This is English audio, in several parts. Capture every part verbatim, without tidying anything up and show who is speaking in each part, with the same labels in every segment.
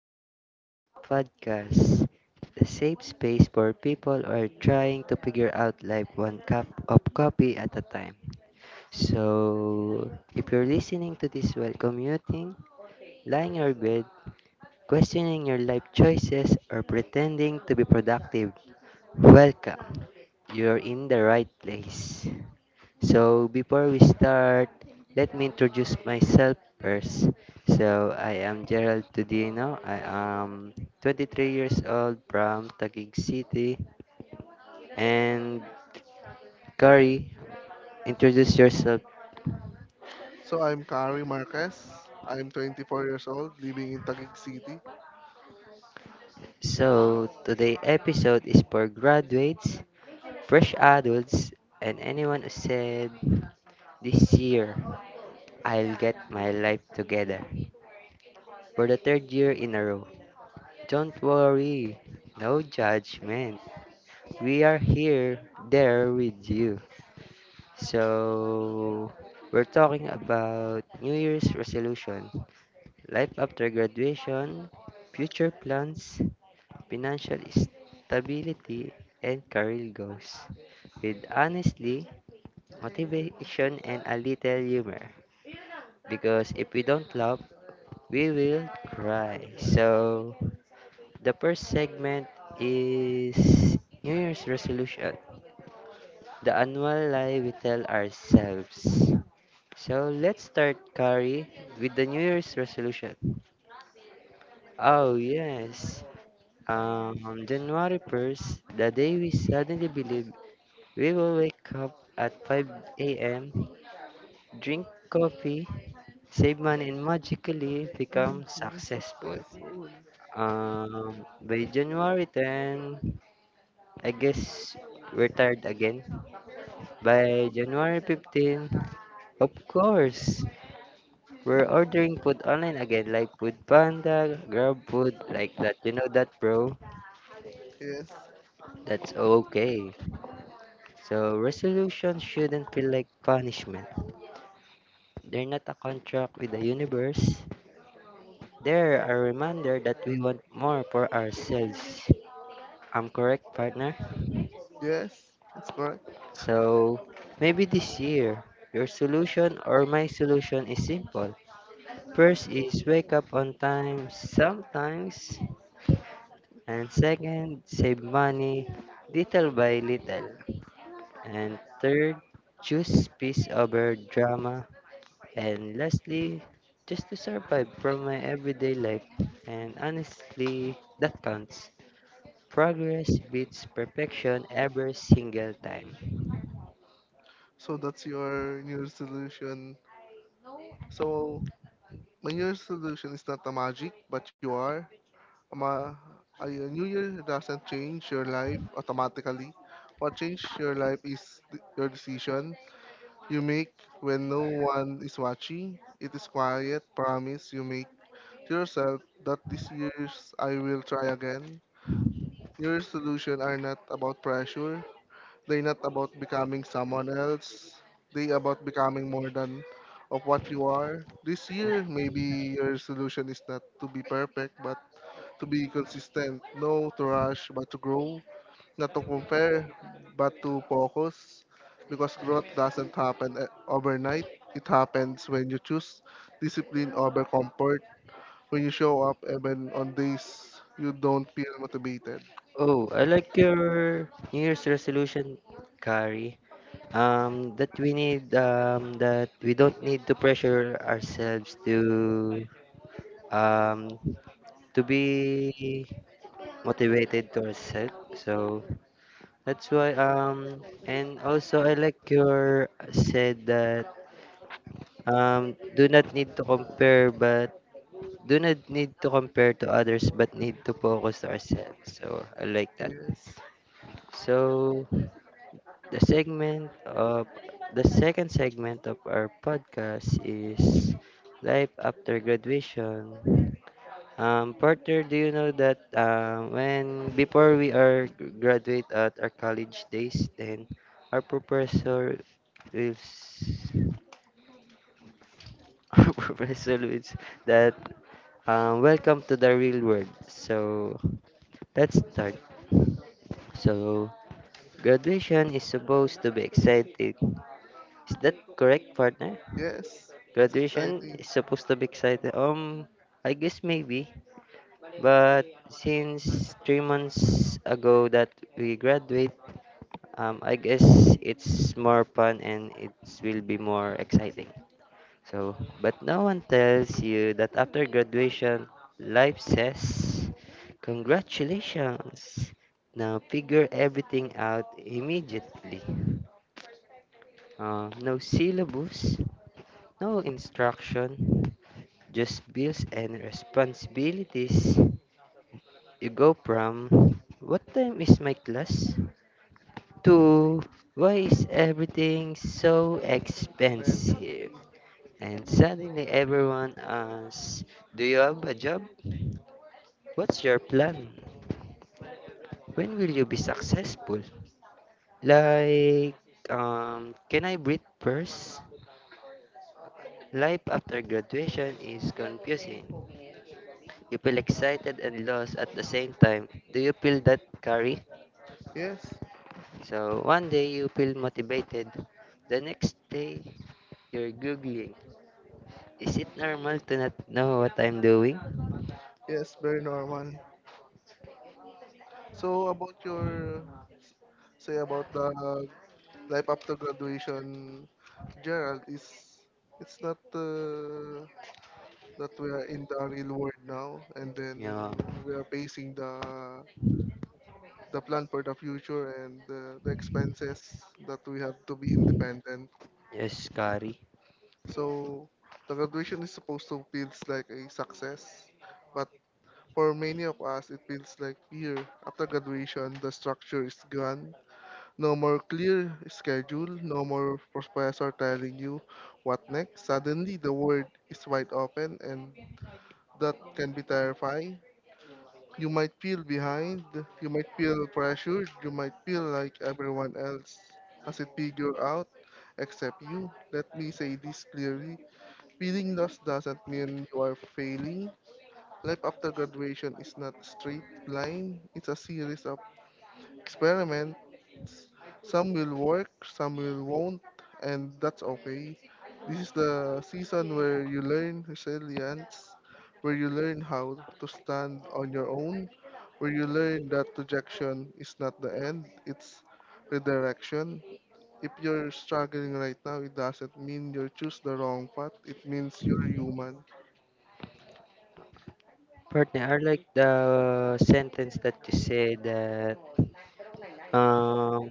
Speaker 1: Welcome back to the podcast, the safe space where people who are trying to figure out life one cup of coffee at a time. So, if you're listening to this while commuting, lying in your bed, questioning your life choices, or pretending to be productive, welcome! You're in the right place. So before we start, let me introduce myself first. So I am Gerald Tudino. I am twenty-three years old from Taguig City. And Kari, introduce yourself.
Speaker 2: So I'm Kari Marquez. I'm twenty-four years old, living in Taguig City.
Speaker 1: So today episode is for graduates, fresh adults, and anyone who said this year I'll get my life together for the third year in a row. Don't worry, no judgment. we are here, there with you. So, we're talking about New Year's resolution, life after graduation, future plans, financial stability, and career goals. With honestly, motivation, and a little humor. Because if we don't laugh, we will cry.
Speaker 2: Alright.
Speaker 1: So, the first segment is New Year's resolution. the annual lie we tell ourselves. So let's start, Kari, with the New Year's resolution. Oh, yes. Um, January first, the day we suddenly believe we will wake up at five a m, drink coffee, save money, and magically
Speaker 2: Mm,
Speaker 1: become
Speaker 2: you're
Speaker 1: successful.
Speaker 2: successful.
Speaker 1: Um, by January tenth, I guess we're tired again. By January fifteenth, of course, We're ordering food online again, like Food Panda, Grab Food, like that. You know that, bro?
Speaker 2: Yes.
Speaker 1: That's okay. So, resolution shouldn't feel like punishment. They're not a contract with the universe. They're a reminder that we want more for ourselves. I'm correct, partner?
Speaker 2: Yes, that's correct.
Speaker 1: So, maybe this year, your solution or my solution is simple. First is wake up on time sometimes. And second, save money little by little. And third, choose peace over drama. And lastly, just to survive from my everyday life. And honestly, that counts. Progress beats perfection every single time.
Speaker 2: So that's your new resolution. So my new resolution is not a magic, but you are. Um, uh, a new year doesn't change your life automatically. What changes your life is th- your decision you make when no one is watching. It is quiet promise you make to yourself that this year's I will try again. Your solutions are not about pressure. They're not about becoming someone else. They about becoming more than of what you are. This year, maybe your solution is not to be perfect, but to be consistent. No to rush, but to grow. Not to compare, but to focus. Because growth doesn't happen eh, overnight. It happens when you choose discipline over comfort when you show up, even on days you don't feel motivated.
Speaker 1: Oh, I like your New Year's resolution, Kari. Um, that we need, um, that we don't need to pressure ourselves to, um, to be motivated to ourselves. So that's why um and also I like your said that um do not need to compare but do not need to compare to others but need to focus to ourselves. So I like that.
Speaker 2: Yes.
Speaker 1: So the segment of the second segment of our podcast is life after graduation. Um, partner, do you know that um, when before we are g- graduate at our college days, then our professor will s- our professor will s- that um, welcome to the real world. So let's start. So graduation is supposed to be exciting. Is that correct, partner?
Speaker 2: Yes. It's
Speaker 1: Graduation
Speaker 2: exciting.
Speaker 1: is supposed to be exciting. Um, I guess maybe But since three months ago that we graduate, um, I guess it's more fun and it will be more exciting. So, but no one tells you that after graduation, life says, "Congratulations! Now figure everything out immediately. Uh, no syllabus, no instruction, just bills and responsibilities." You go from "what time is my class" to "why is everything so
Speaker 2: Expensive.
Speaker 1: expensive?" And suddenly everyone asks, "Do you have a job? What's your plan? When will you be successful?" Like, um, can I breathe first? Life after graduation is confusing. You feel excited and lost at the same time. Do you feel that, Kari?
Speaker 2: Yes.
Speaker 1: So one day you feel motivated, the next day you're googling. Is it normal to not know what I'm doing?
Speaker 2: Yes, very normal. So about your say about the life after graduation, Gerald, is it's not uh, that we are in the real world now, and then
Speaker 1: Yeah,
Speaker 2: we are facing the the plan for the future and uh, the expenses that we have to be independent.
Speaker 1: yes, scary.
Speaker 2: So the graduation is supposed to feels like a success, but for many of us, it feels like fear. After graduation, the structure is gone. No more clear schedule, no more professor telling you what next. Suddenly, the world is wide open, and that can be terrifying. You might feel behind, you might feel pressured, you might feel like everyone else has it figured out except you. Let me say this clearly. Feeling lost doesn't mean you are failing. Life after graduation is not a straight line, it's a series of experiments. Some will work, some will won't, and that's okay. This is the season where you learn resilience, where you learn how to stand on your own, where you learn that rejection is not the end, it's redirection. If you're struggling right now, it doesn't mean you choose the wrong path, it means you're human.
Speaker 1: Partner, I like the sentence that you said that um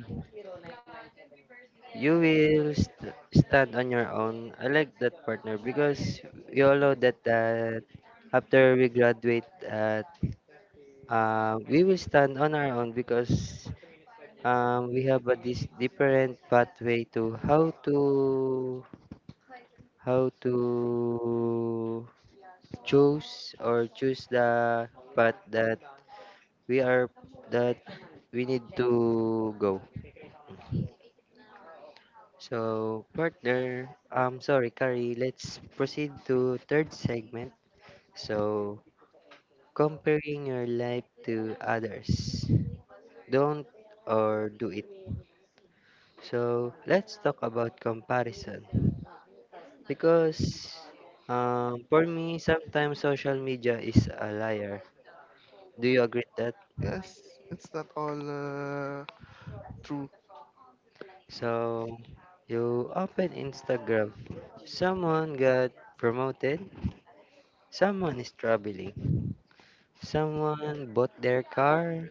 Speaker 1: you will st- stand on your own. I like that partner because we all know that that after we graduate, that uh, we will stand on our own because um, we have a, this different pathway to how to how to choose or choose the path that we are that we need to go. So partner, um, sorry, Kari, let's proceed to third segment. So comparing your life to others, don't or do it. So let's talk about comparison. Because um, for me, sometimes social media is a liar. Do you agree with that?
Speaker 2: Yes, it's not all uh, true.
Speaker 1: So you open Instagram. Someone got promoted. Someone is traveling. Someone bought their car.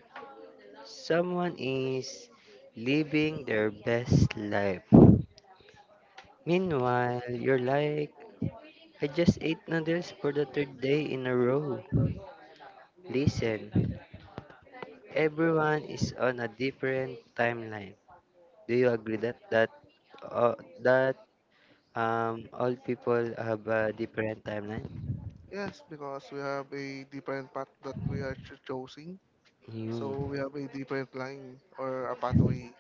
Speaker 1: Someone is living their best life. Meanwhile, you're like, "I just ate noodles for the third day in a row." Listen, everyone is on a different timeline. Do you agree that that uh, that um all people have a different timeline?
Speaker 2: Yes, because we have a different path that we are cho- choosing. So we
Speaker 1: Mm.
Speaker 2: have a different line or a pathway.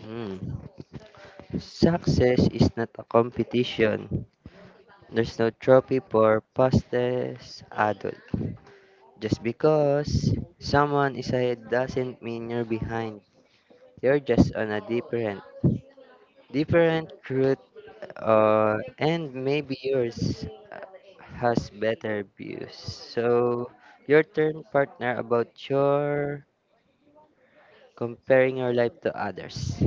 Speaker 1: Mm. Success is not a competition. There's no trophy for fastest adult. Just because someone is ahead doesn't mean you're behind. You're just on a different different route, uh, and maybe yours uh, has better views. So, your turn, partner, about your comparing your life to others.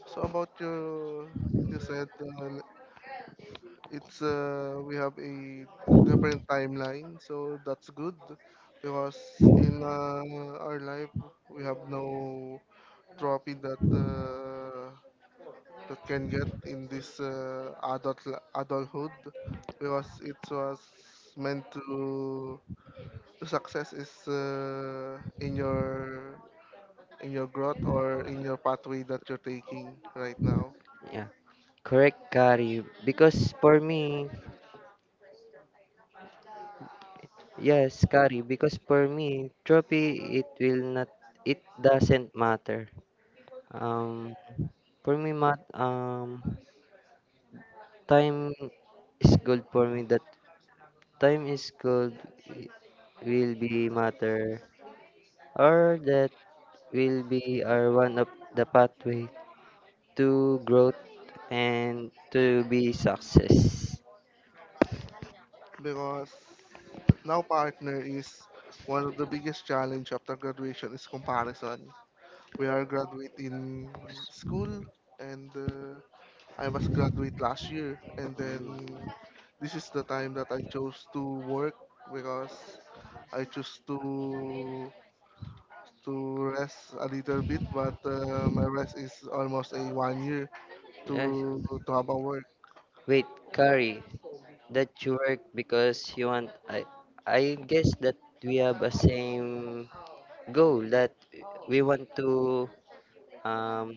Speaker 2: So about your, you said uh, it's uh, we have a different timeline. So that's good because in uh, our life we have no trophy that uh, that can get in this uh, adult adulthood because it was meant to the success is uh, in your in your growth or in your pathway that you're taking right now
Speaker 1: Yeah, correct, Kari. Because for me, yes, Kari. Because for me, trophy it will not, it doesn't matter. Um, for me, mat, um, time is gold for me. That time is gold i- will be matter or that will be our one of the pathway to growth and to be success.
Speaker 2: because now partner is one of the biggest challenge after graduation is comparison. We are graduate in school and uh, I was
Speaker 1: Mm.
Speaker 2: graduate last year, and then this is the time that I chose to work because I choose to to rest a little bit, but uh, my rest is almost a one year to
Speaker 1: Yes.
Speaker 2: to have a work.
Speaker 1: Wait, Kari, that you work because you want I I guess that we have a same goal that we want to um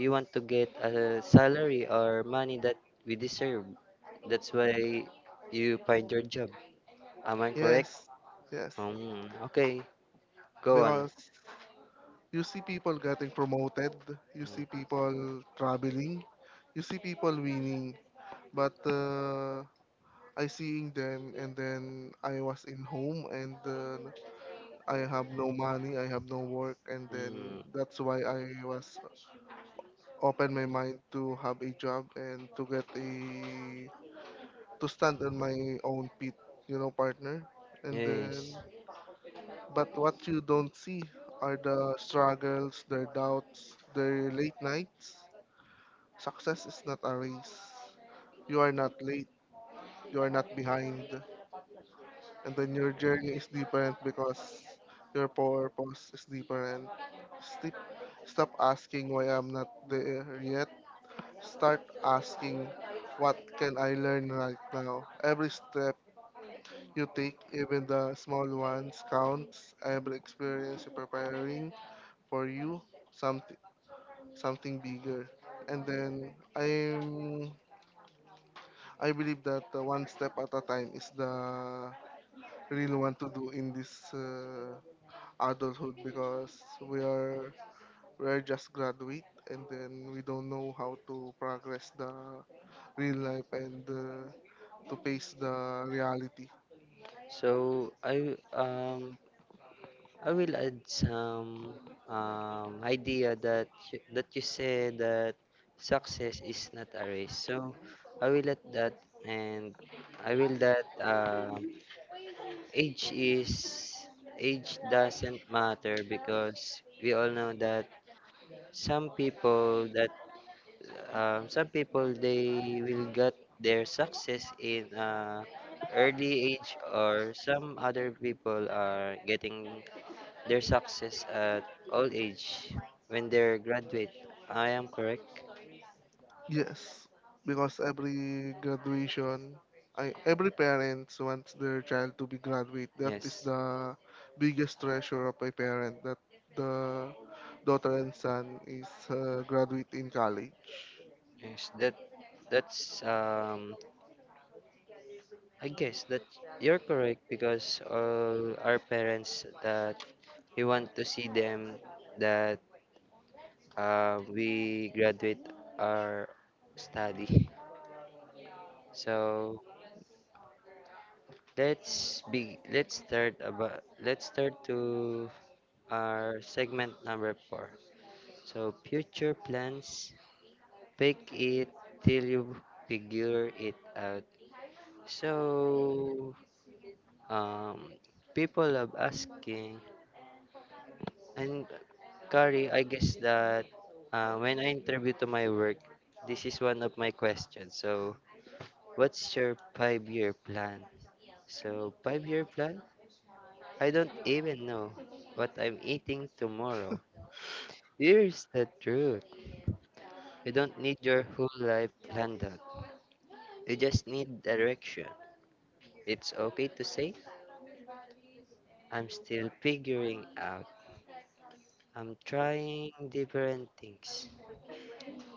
Speaker 1: we want to get a salary or money that we deserve. That's why you find your job. Am I correct?
Speaker 2: Yes, yes,
Speaker 1: Um, okay, go on.
Speaker 2: because you see people getting promoted, you see people traveling, you see people winning, but uh, I seeing them and then I was in home and uh, I have no money, I have no work, and then
Speaker 1: Mm,
Speaker 2: that's why I was open my mind to have a job and to get a to stand on my own feet, you know, partner. And
Speaker 1: yes.
Speaker 2: then, but what you don't see are the struggles, their doubts, their late nights. Success is not a race. You are not late. You are not behind. And then your journey is different because your purpose is different. Stop, stop asking why I'm not there yet. Start asking what can I learn right now. Every step you take, even the small ones, counts. Every experience you're preparing for you something something bigger. And then I'm I believe that uh, one step at a time is the real one to do in this uh, adulthood because we are we're just graduate and then we don't know how to progress the real life and uh, to face the reality.
Speaker 1: So I um I will add some um idea that you, that you said that success is not a race. So I will add that and I will that um age is age doesn't matter because we all know that some people that um, some people they will get their success in uh, early age or some other people are getting their success at old age when they're graduate. I am correct.
Speaker 2: Yes, because every graduation, I every parents wants their child to be graduate. That is
Speaker 1: Yes,
Speaker 2: the biggest treasure of a parent that the daughter and son is uh, graduate in college.
Speaker 1: yes, that that's um I guess that you're correct because all our parents that We want to see them that uh, we graduate our study. So let's be let's start about let's start to our segment number four. So future plans, bake it till you figure it out. So um, people love asking. And Kari, I guess that uh, when I interview to my work, this is one of my questions. So, what's your five-year plan? So, five-year plan? I don't even know what I'm eating tomorrow. Here's the truth. You don't need your whole life planned out. You just need direction. It's okay to say, "I'm still figuring out. I'm trying different things.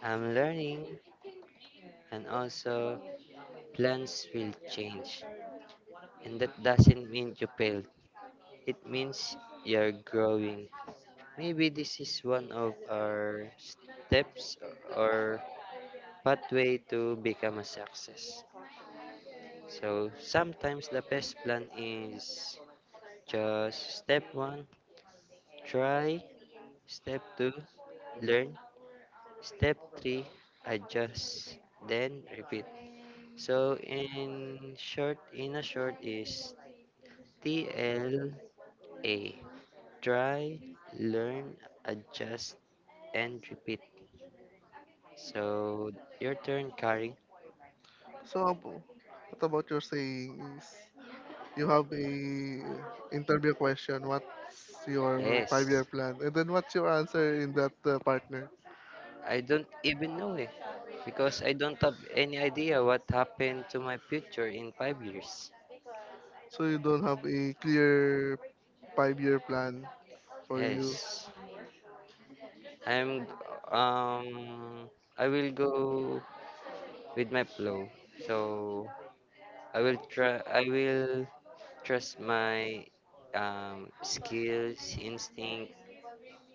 Speaker 1: I'm learning." And also plans will change, and that doesn't mean you failed. It means you're growing. Maybe this is one of our steps or pathway to become a success. So sometimes the best plan is just step one, try, step two, learn, step three, adjust, then repeat. So in short, in a short is T L A. Try, learn, adjust, and repeat. So, your turn, Kari.
Speaker 2: So, Abu, what about your saying is you have a interview question. What's your
Speaker 1: Yes,
Speaker 2: five-year plan? And then what's your answer in that uh, partner?
Speaker 1: I don't even know it because I don't have any idea what happened to my future in five years.
Speaker 2: So you don't have a clear five-year plan for you.
Speaker 1: Yes, I'm. Um, I will go with my flow. So I will try. I will trust my um, skills, instinct,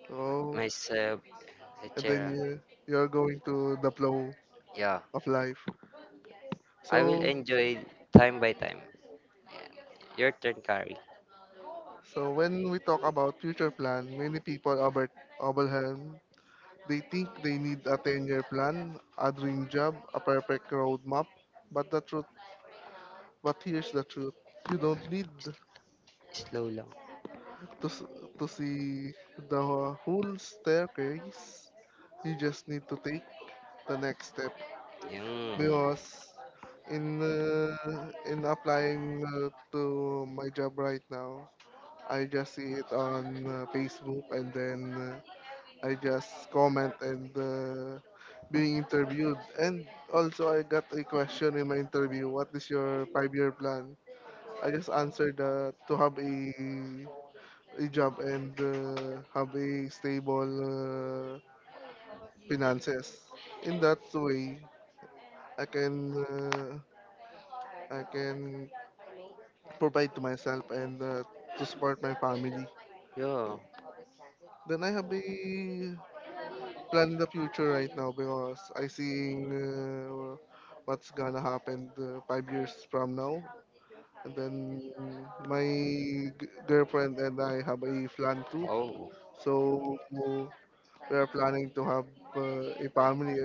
Speaker 2: Oh,
Speaker 1: myself,
Speaker 2: and then
Speaker 1: et cetera.
Speaker 2: you you're going to the flow
Speaker 1: Yeah,
Speaker 2: of life.
Speaker 1: I
Speaker 2: So
Speaker 1: will enjoy time by time. Yeah. Your turn, Kari.
Speaker 2: so when we talk about future plan, many people Albert Abelhelm they think they need a ten-year plan, a dream job, a perfect roadmap. But the truth But here's the truth you don't need to,
Speaker 1: Slow lang.
Speaker 2: s- to see the whole staircase, you just need to take the next step.
Speaker 1: Yun.
Speaker 2: Because in, uh, in applying uh, to my job right now, I just see it on uh, Facebook and then uh, I just comment and uh, being interviewed. And also, I got a question in my interview. What is your five year plan? I just answered that to have a A job and uh, have a stable uh, finances. In that way, I can uh, I can provide to myself and uh, to support my family.
Speaker 1: Yeah.
Speaker 2: Then I have a plan in the future right now because I seeing uh, what's gonna happen uh, five years from now. And then my g- girlfriend and I have a plan too.
Speaker 1: Oh.
Speaker 2: So we are planning to have uh, a family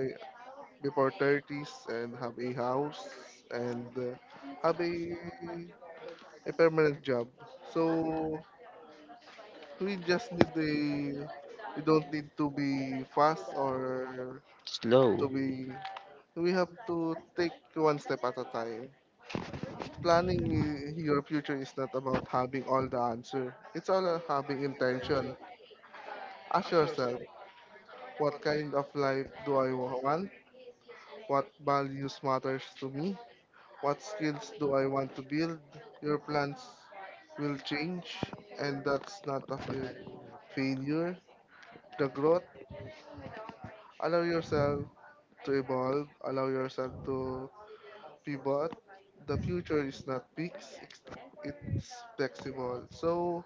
Speaker 2: before thirties and have a house and uh, have a, a permanent job. So we just need a we don't need to be fast or to
Speaker 1: Slow.
Speaker 2: be we have to take one step at a time. Planning i- your future is not about having all the answer. It's all about having intention. Ask yourself, what kind of life do I wa- want? What values matters to me? What skills do I want to build? Your plans will change, and that's not a
Speaker 1: But-
Speaker 2: fa- failure. The growth, allow yourself to evolve, allow yourself to pivot. The future is not fixed, ex- it's flexible. So,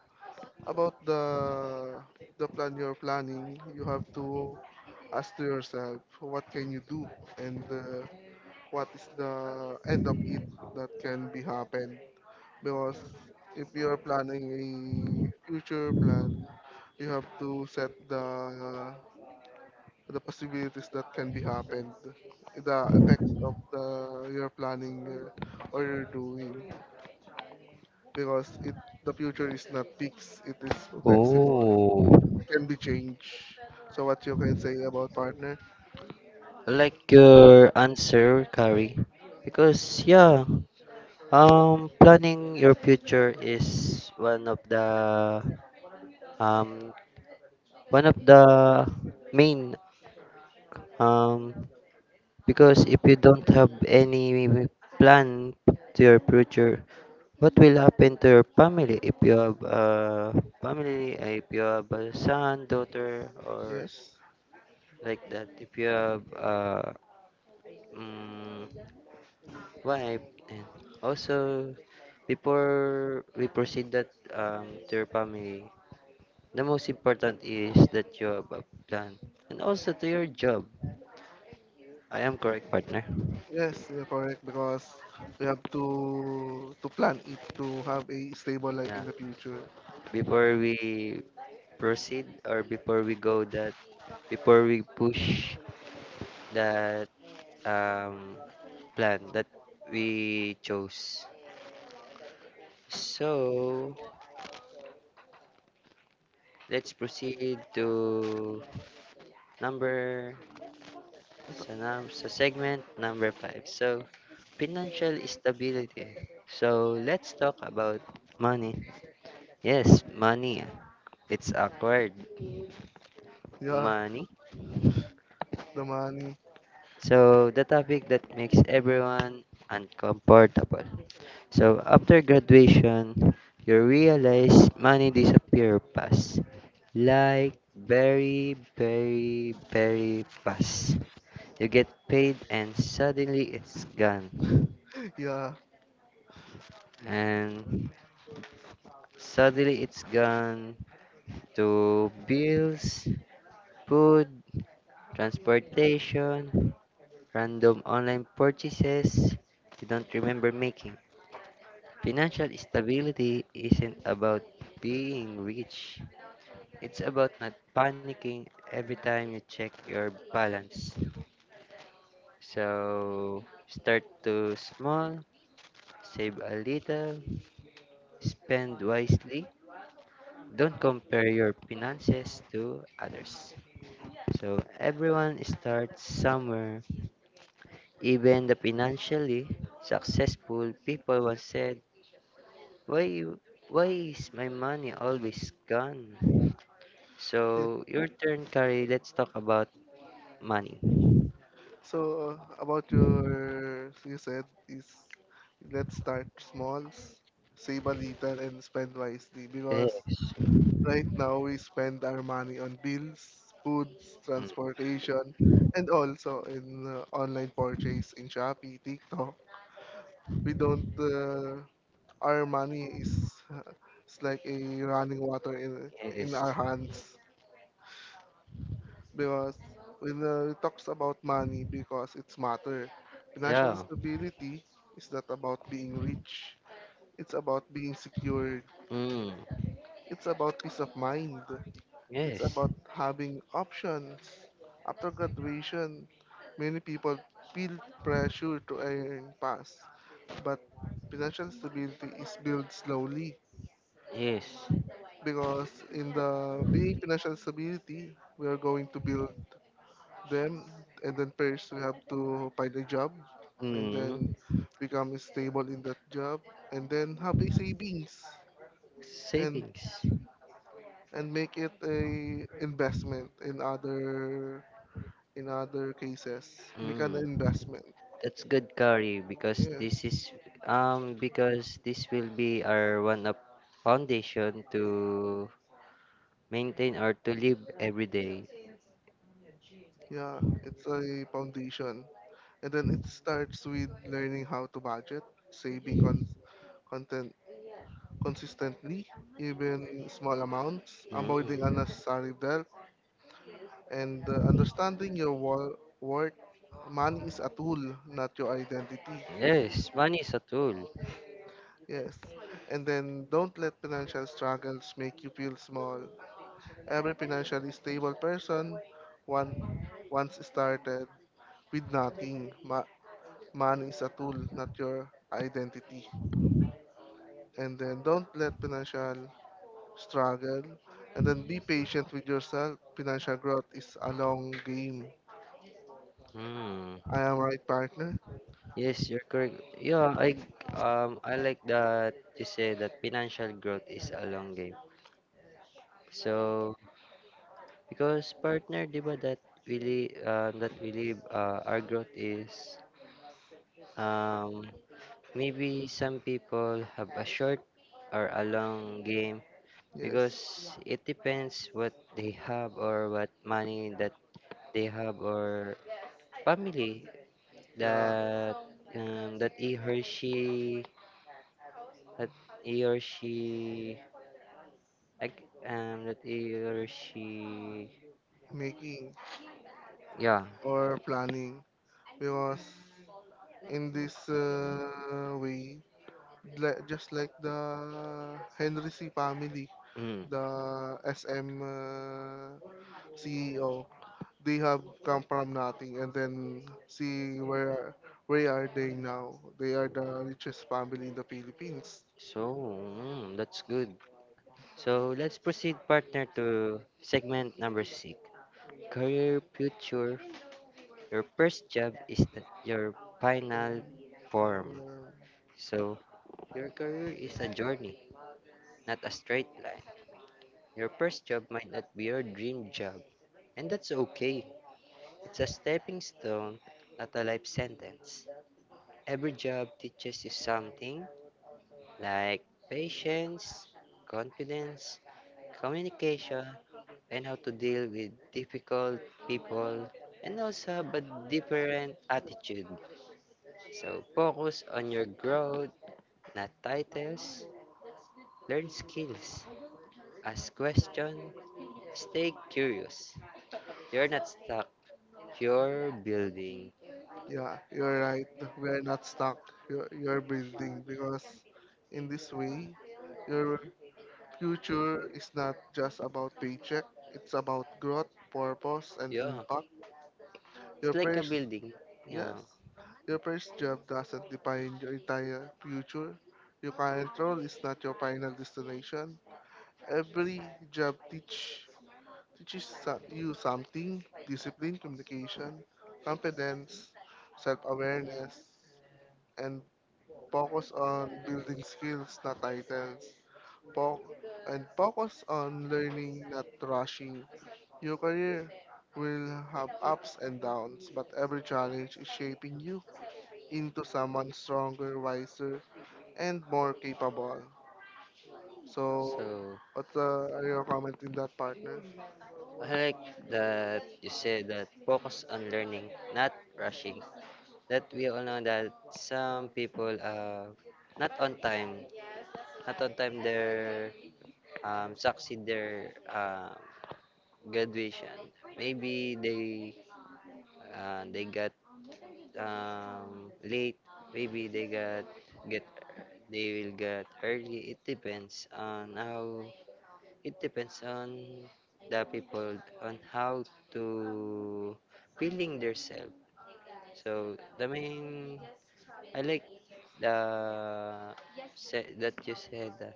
Speaker 2: about the the plan you're planning, you have to ask to yourself what can you do and uh, what is the end of it that can be happened because if you are planning a future plan, you have to set the the possibilities that can be happened, the effects of the your planning uh, or you're doing, because it the future is not fixed. It is flexible.
Speaker 1: Oh.
Speaker 2: It can be changed. So what you can say about partner?
Speaker 1: I like your answer, Kari. Because yeah, um planning your future is one of the um one of the main um because if you don't have any plan to your future what will happen to your family if you have a family uh, if you have a son daughter or
Speaker 2: Yes.
Speaker 1: like that if you have a mm wife and also before we proceed that um, to your family the most important is that you have a plan and also to your job, i am correct, partner?
Speaker 2: Yes, you're correct because we have to to plan it to have a stable life
Speaker 1: Yeah.
Speaker 2: in the future.
Speaker 1: Before we proceed or before we go that before we push that um plan that we chose. So let's proceed to number sa, num- sa segment number five. So financial stability. So let's talk about money. Yes, money. It's acquired.
Speaker 2: Yeah,
Speaker 1: Money
Speaker 2: the money.
Speaker 1: So, the topic that makes everyone uncomfortable. So, after graduation, you realize money disappear fast. Like very, very, very fast. You get paid and suddenly it's gone.
Speaker 2: Yeah.
Speaker 1: And suddenly it's gone to bills, food, transportation, random online purchases you don't remember making. Financial stability isn't about being rich. It's about not panicking every time you check your balance. So start to small, save a little, spend wisely. Don't compare your finances to others. So everyone starts somewhere. Even the financially successful people once said, "Why, why is my money always gone?"
Speaker 2: Yeah.
Speaker 1: So your turn, Kari. Let's talk about money.
Speaker 2: So uh, about your, so you said is let's start small, s- save a little, and spend wisely yes, because
Speaker 1: Yes.
Speaker 2: right now we spend our money on bills, foods,
Speaker 1: Mm.
Speaker 2: transportation, and also in uh, online purchase in Shopee, TikTok. We don't. Uh, our money is uh, it's like a running water in in
Speaker 1: Yes.
Speaker 2: our hands. Because when uh, we talks about money because it's matter. Financial
Speaker 1: Yeah.
Speaker 2: stability is not about being rich. It's about being secured.
Speaker 1: Mm.
Speaker 2: It's about peace of mind. It's
Speaker 1: Yes.
Speaker 2: about having options. After graduation, many people feel pressure to earn fast, but financial stability is built slowly
Speaker 1: Yes.
Speaker 2: because in the being financial stability, we are going to build them and then first we have to find a job and
Speaker 1: Mm.
Speaker 2: then become stable in that job and then have a savings and
Speaker 1: Savings.
Speaker 2: and make it a investment in other in other cases make an
Speaker 1: Mm.
Speaker 2: investment.
Speaker 1: That's good, Kari, because
Speaker 2: Yes,
Speaker 1: this is um because this will be our one up foundation to maintain or to live every day.
Speaker 2: yeah, it's a foundation, and then it starts with learning how to budget saving con- content consistently even small amounts avoiding
Speaker 1: Mm.
Speaker 2: unnecessary debt and uh, understanding your wor- worth. Money is a tool, not your identity.
Speaker 1: Yes, money is a tool.
Speaker 2: Yes. And then don't let financial struggles make you feel small. Every financially stable person one, once started with nothing. Ma- money is a tool, not your identity. And then don't let financial struggle. And then be patient with yourself. Financial growth is a long game.
Speaker 1: Mm.
Speaker 2: I am right, partner?
Speaker 1: Yes, you're correct. Yeah, I um I like that you say that financial growth is a long game. So because partner, di ba that really um that really uh, our growth is um maybe some people have a short or a long game because
Speaker 2: Yes.
Speaker 1: it depends what they have or what money that they have or family
Speaker 2: Yeah,
Speaker 1: that um, that he or she that he or she like um that he or she
Speaker 2: making
Speaker 1: yeah
Speaker 2: or planning because in this uh, way, like, just like the Henry C family,
Speaker 1: mm.
Speaker 2: the S M uh, C E O, they have come from nothing and then see where where are they now. They are the richest family in the Philippines.
Speaker 1: So mm, that's good. So let's proceed partner to segment number six, career future. Your first job is the, your final form.
Speaker 2: Um,
Speaker 1: So your career is a journey not a straight line. Your first job might not be your dream job and that's okay. It's a stepping stone, not a life sentence. Every job teaches you something like patience, confidence, communication, and how to deal with difficult people, and also have a different attitude. So focus on your growth, not titles. Learn skills. Ask questions. Stay curious. You're not stuck. You're building.
Speaker 2: Yeah, you're right. We are not stuck. You're, you're building because in this way, your future is not just about paycheck. It's about growth, purpose, and
Speaker 1: Yeah,
Speaker 2: impact.
Speaker 1: it's
Speaker 2: Your
Speaker 1: like a
Speaker 2: first,
Speaker 1: building. Yeah.
Speaker 2: yes, your first job doesn't define your entire future. Your current role is not your final destination. Every job teach teaches so- you something: discipline, communication, competence, self-awareness, and focus on building skills, not titles. Fo- and focus on learning, not rushing. Your career will have ups and downs, but every challenge is shaping you into someone stronger, wiser, and more capable. So,
Speaker 1: So
Speaker 2: what's uh, are your comment in that, partner?
Speaker 1: I like that you said that focus on learning, not rushing. That we all know that some people are not on time, not on time their um, succeed their um, graduation. Maybe they uh, they got um, late. Maybe they got get they will get early. It depends on how It depends on the people on how to feeling themselves. So the main I like the se- that you said that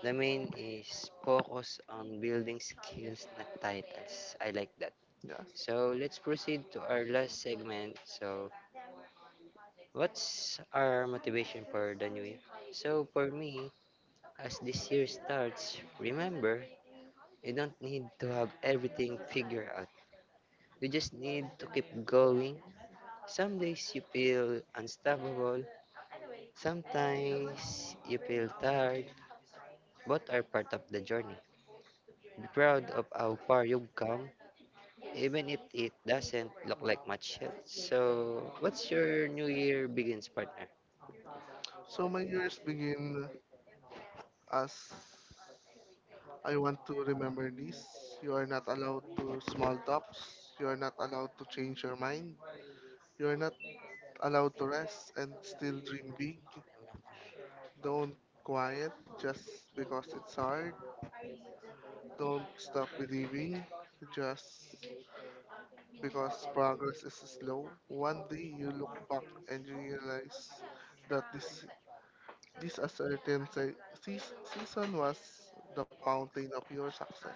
Speaker 1: the main is focus on building skills, not titles. I like that.
Speaker 2: Yes.
Speaker 1: So let's proceed to our last segment. So what's our motivation for the new year? So for me, as this year starts, remember you don't need to have everything figured out. You just need to keep going. Some days you feel unstoppable, sometimes you feel tired, but are part of the journey. Be proud of how far you've come, even if it doesn't look like much yet. So, what's your new year begins, partner?
Speaker 2: So my years begin as I want to remember this. You are not allowed to small talks. You are not allowed to change your mind. You're not allowed to rest and still dream big. Don't quiet just because it's hard. Don't stop believing just because progress is slow. One day you look back and you realize that this this uncertain se- seas- season was the fountain of your success.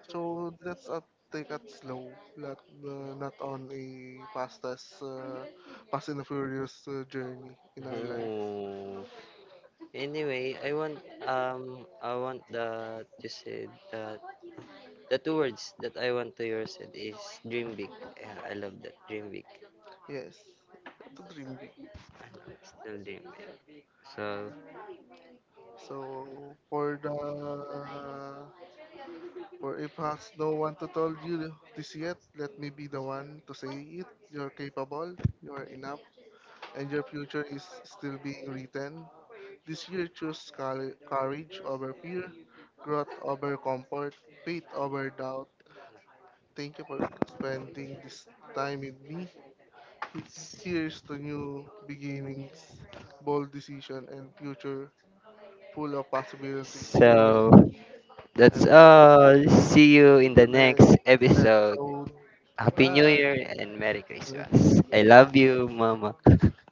Speaker 2: So let's uh, take it slow, not, uh, not on a fast as uh, fast and furious uh, journey in our life.
Speaker 1: Oh. Anyway, I want um I want that you said that the two words that I want to hear said is dream big. Yeah, I love that dream big.
Speaker 2: Yes, it's a dream big.
Speaker 1: Ano, still dream big. So
Speaker 2: So for the for if has no one to tell you this yet, let me be the one to say it. You're capable, you're enough, and your future is still being written. This year, choose cour- courage over fear, growth over comfort, faith over doubt. Thank you for spending this time with me. He- Here's to new beginnings, bold decision, and future full of possibilities. See you next,
Speaker 1: So that's all. See you
Speaker 2: see
Speaker 1: in
Speaker 2: you
Speaker 1: the
Speaker 2: next
Speaker 1: next episode.
Speaker 2: episode.
Speaker 1: Happy New
Speaker 2: Goodbye.
Speaker 1: Year and Merry Christmas. I love you, Mama.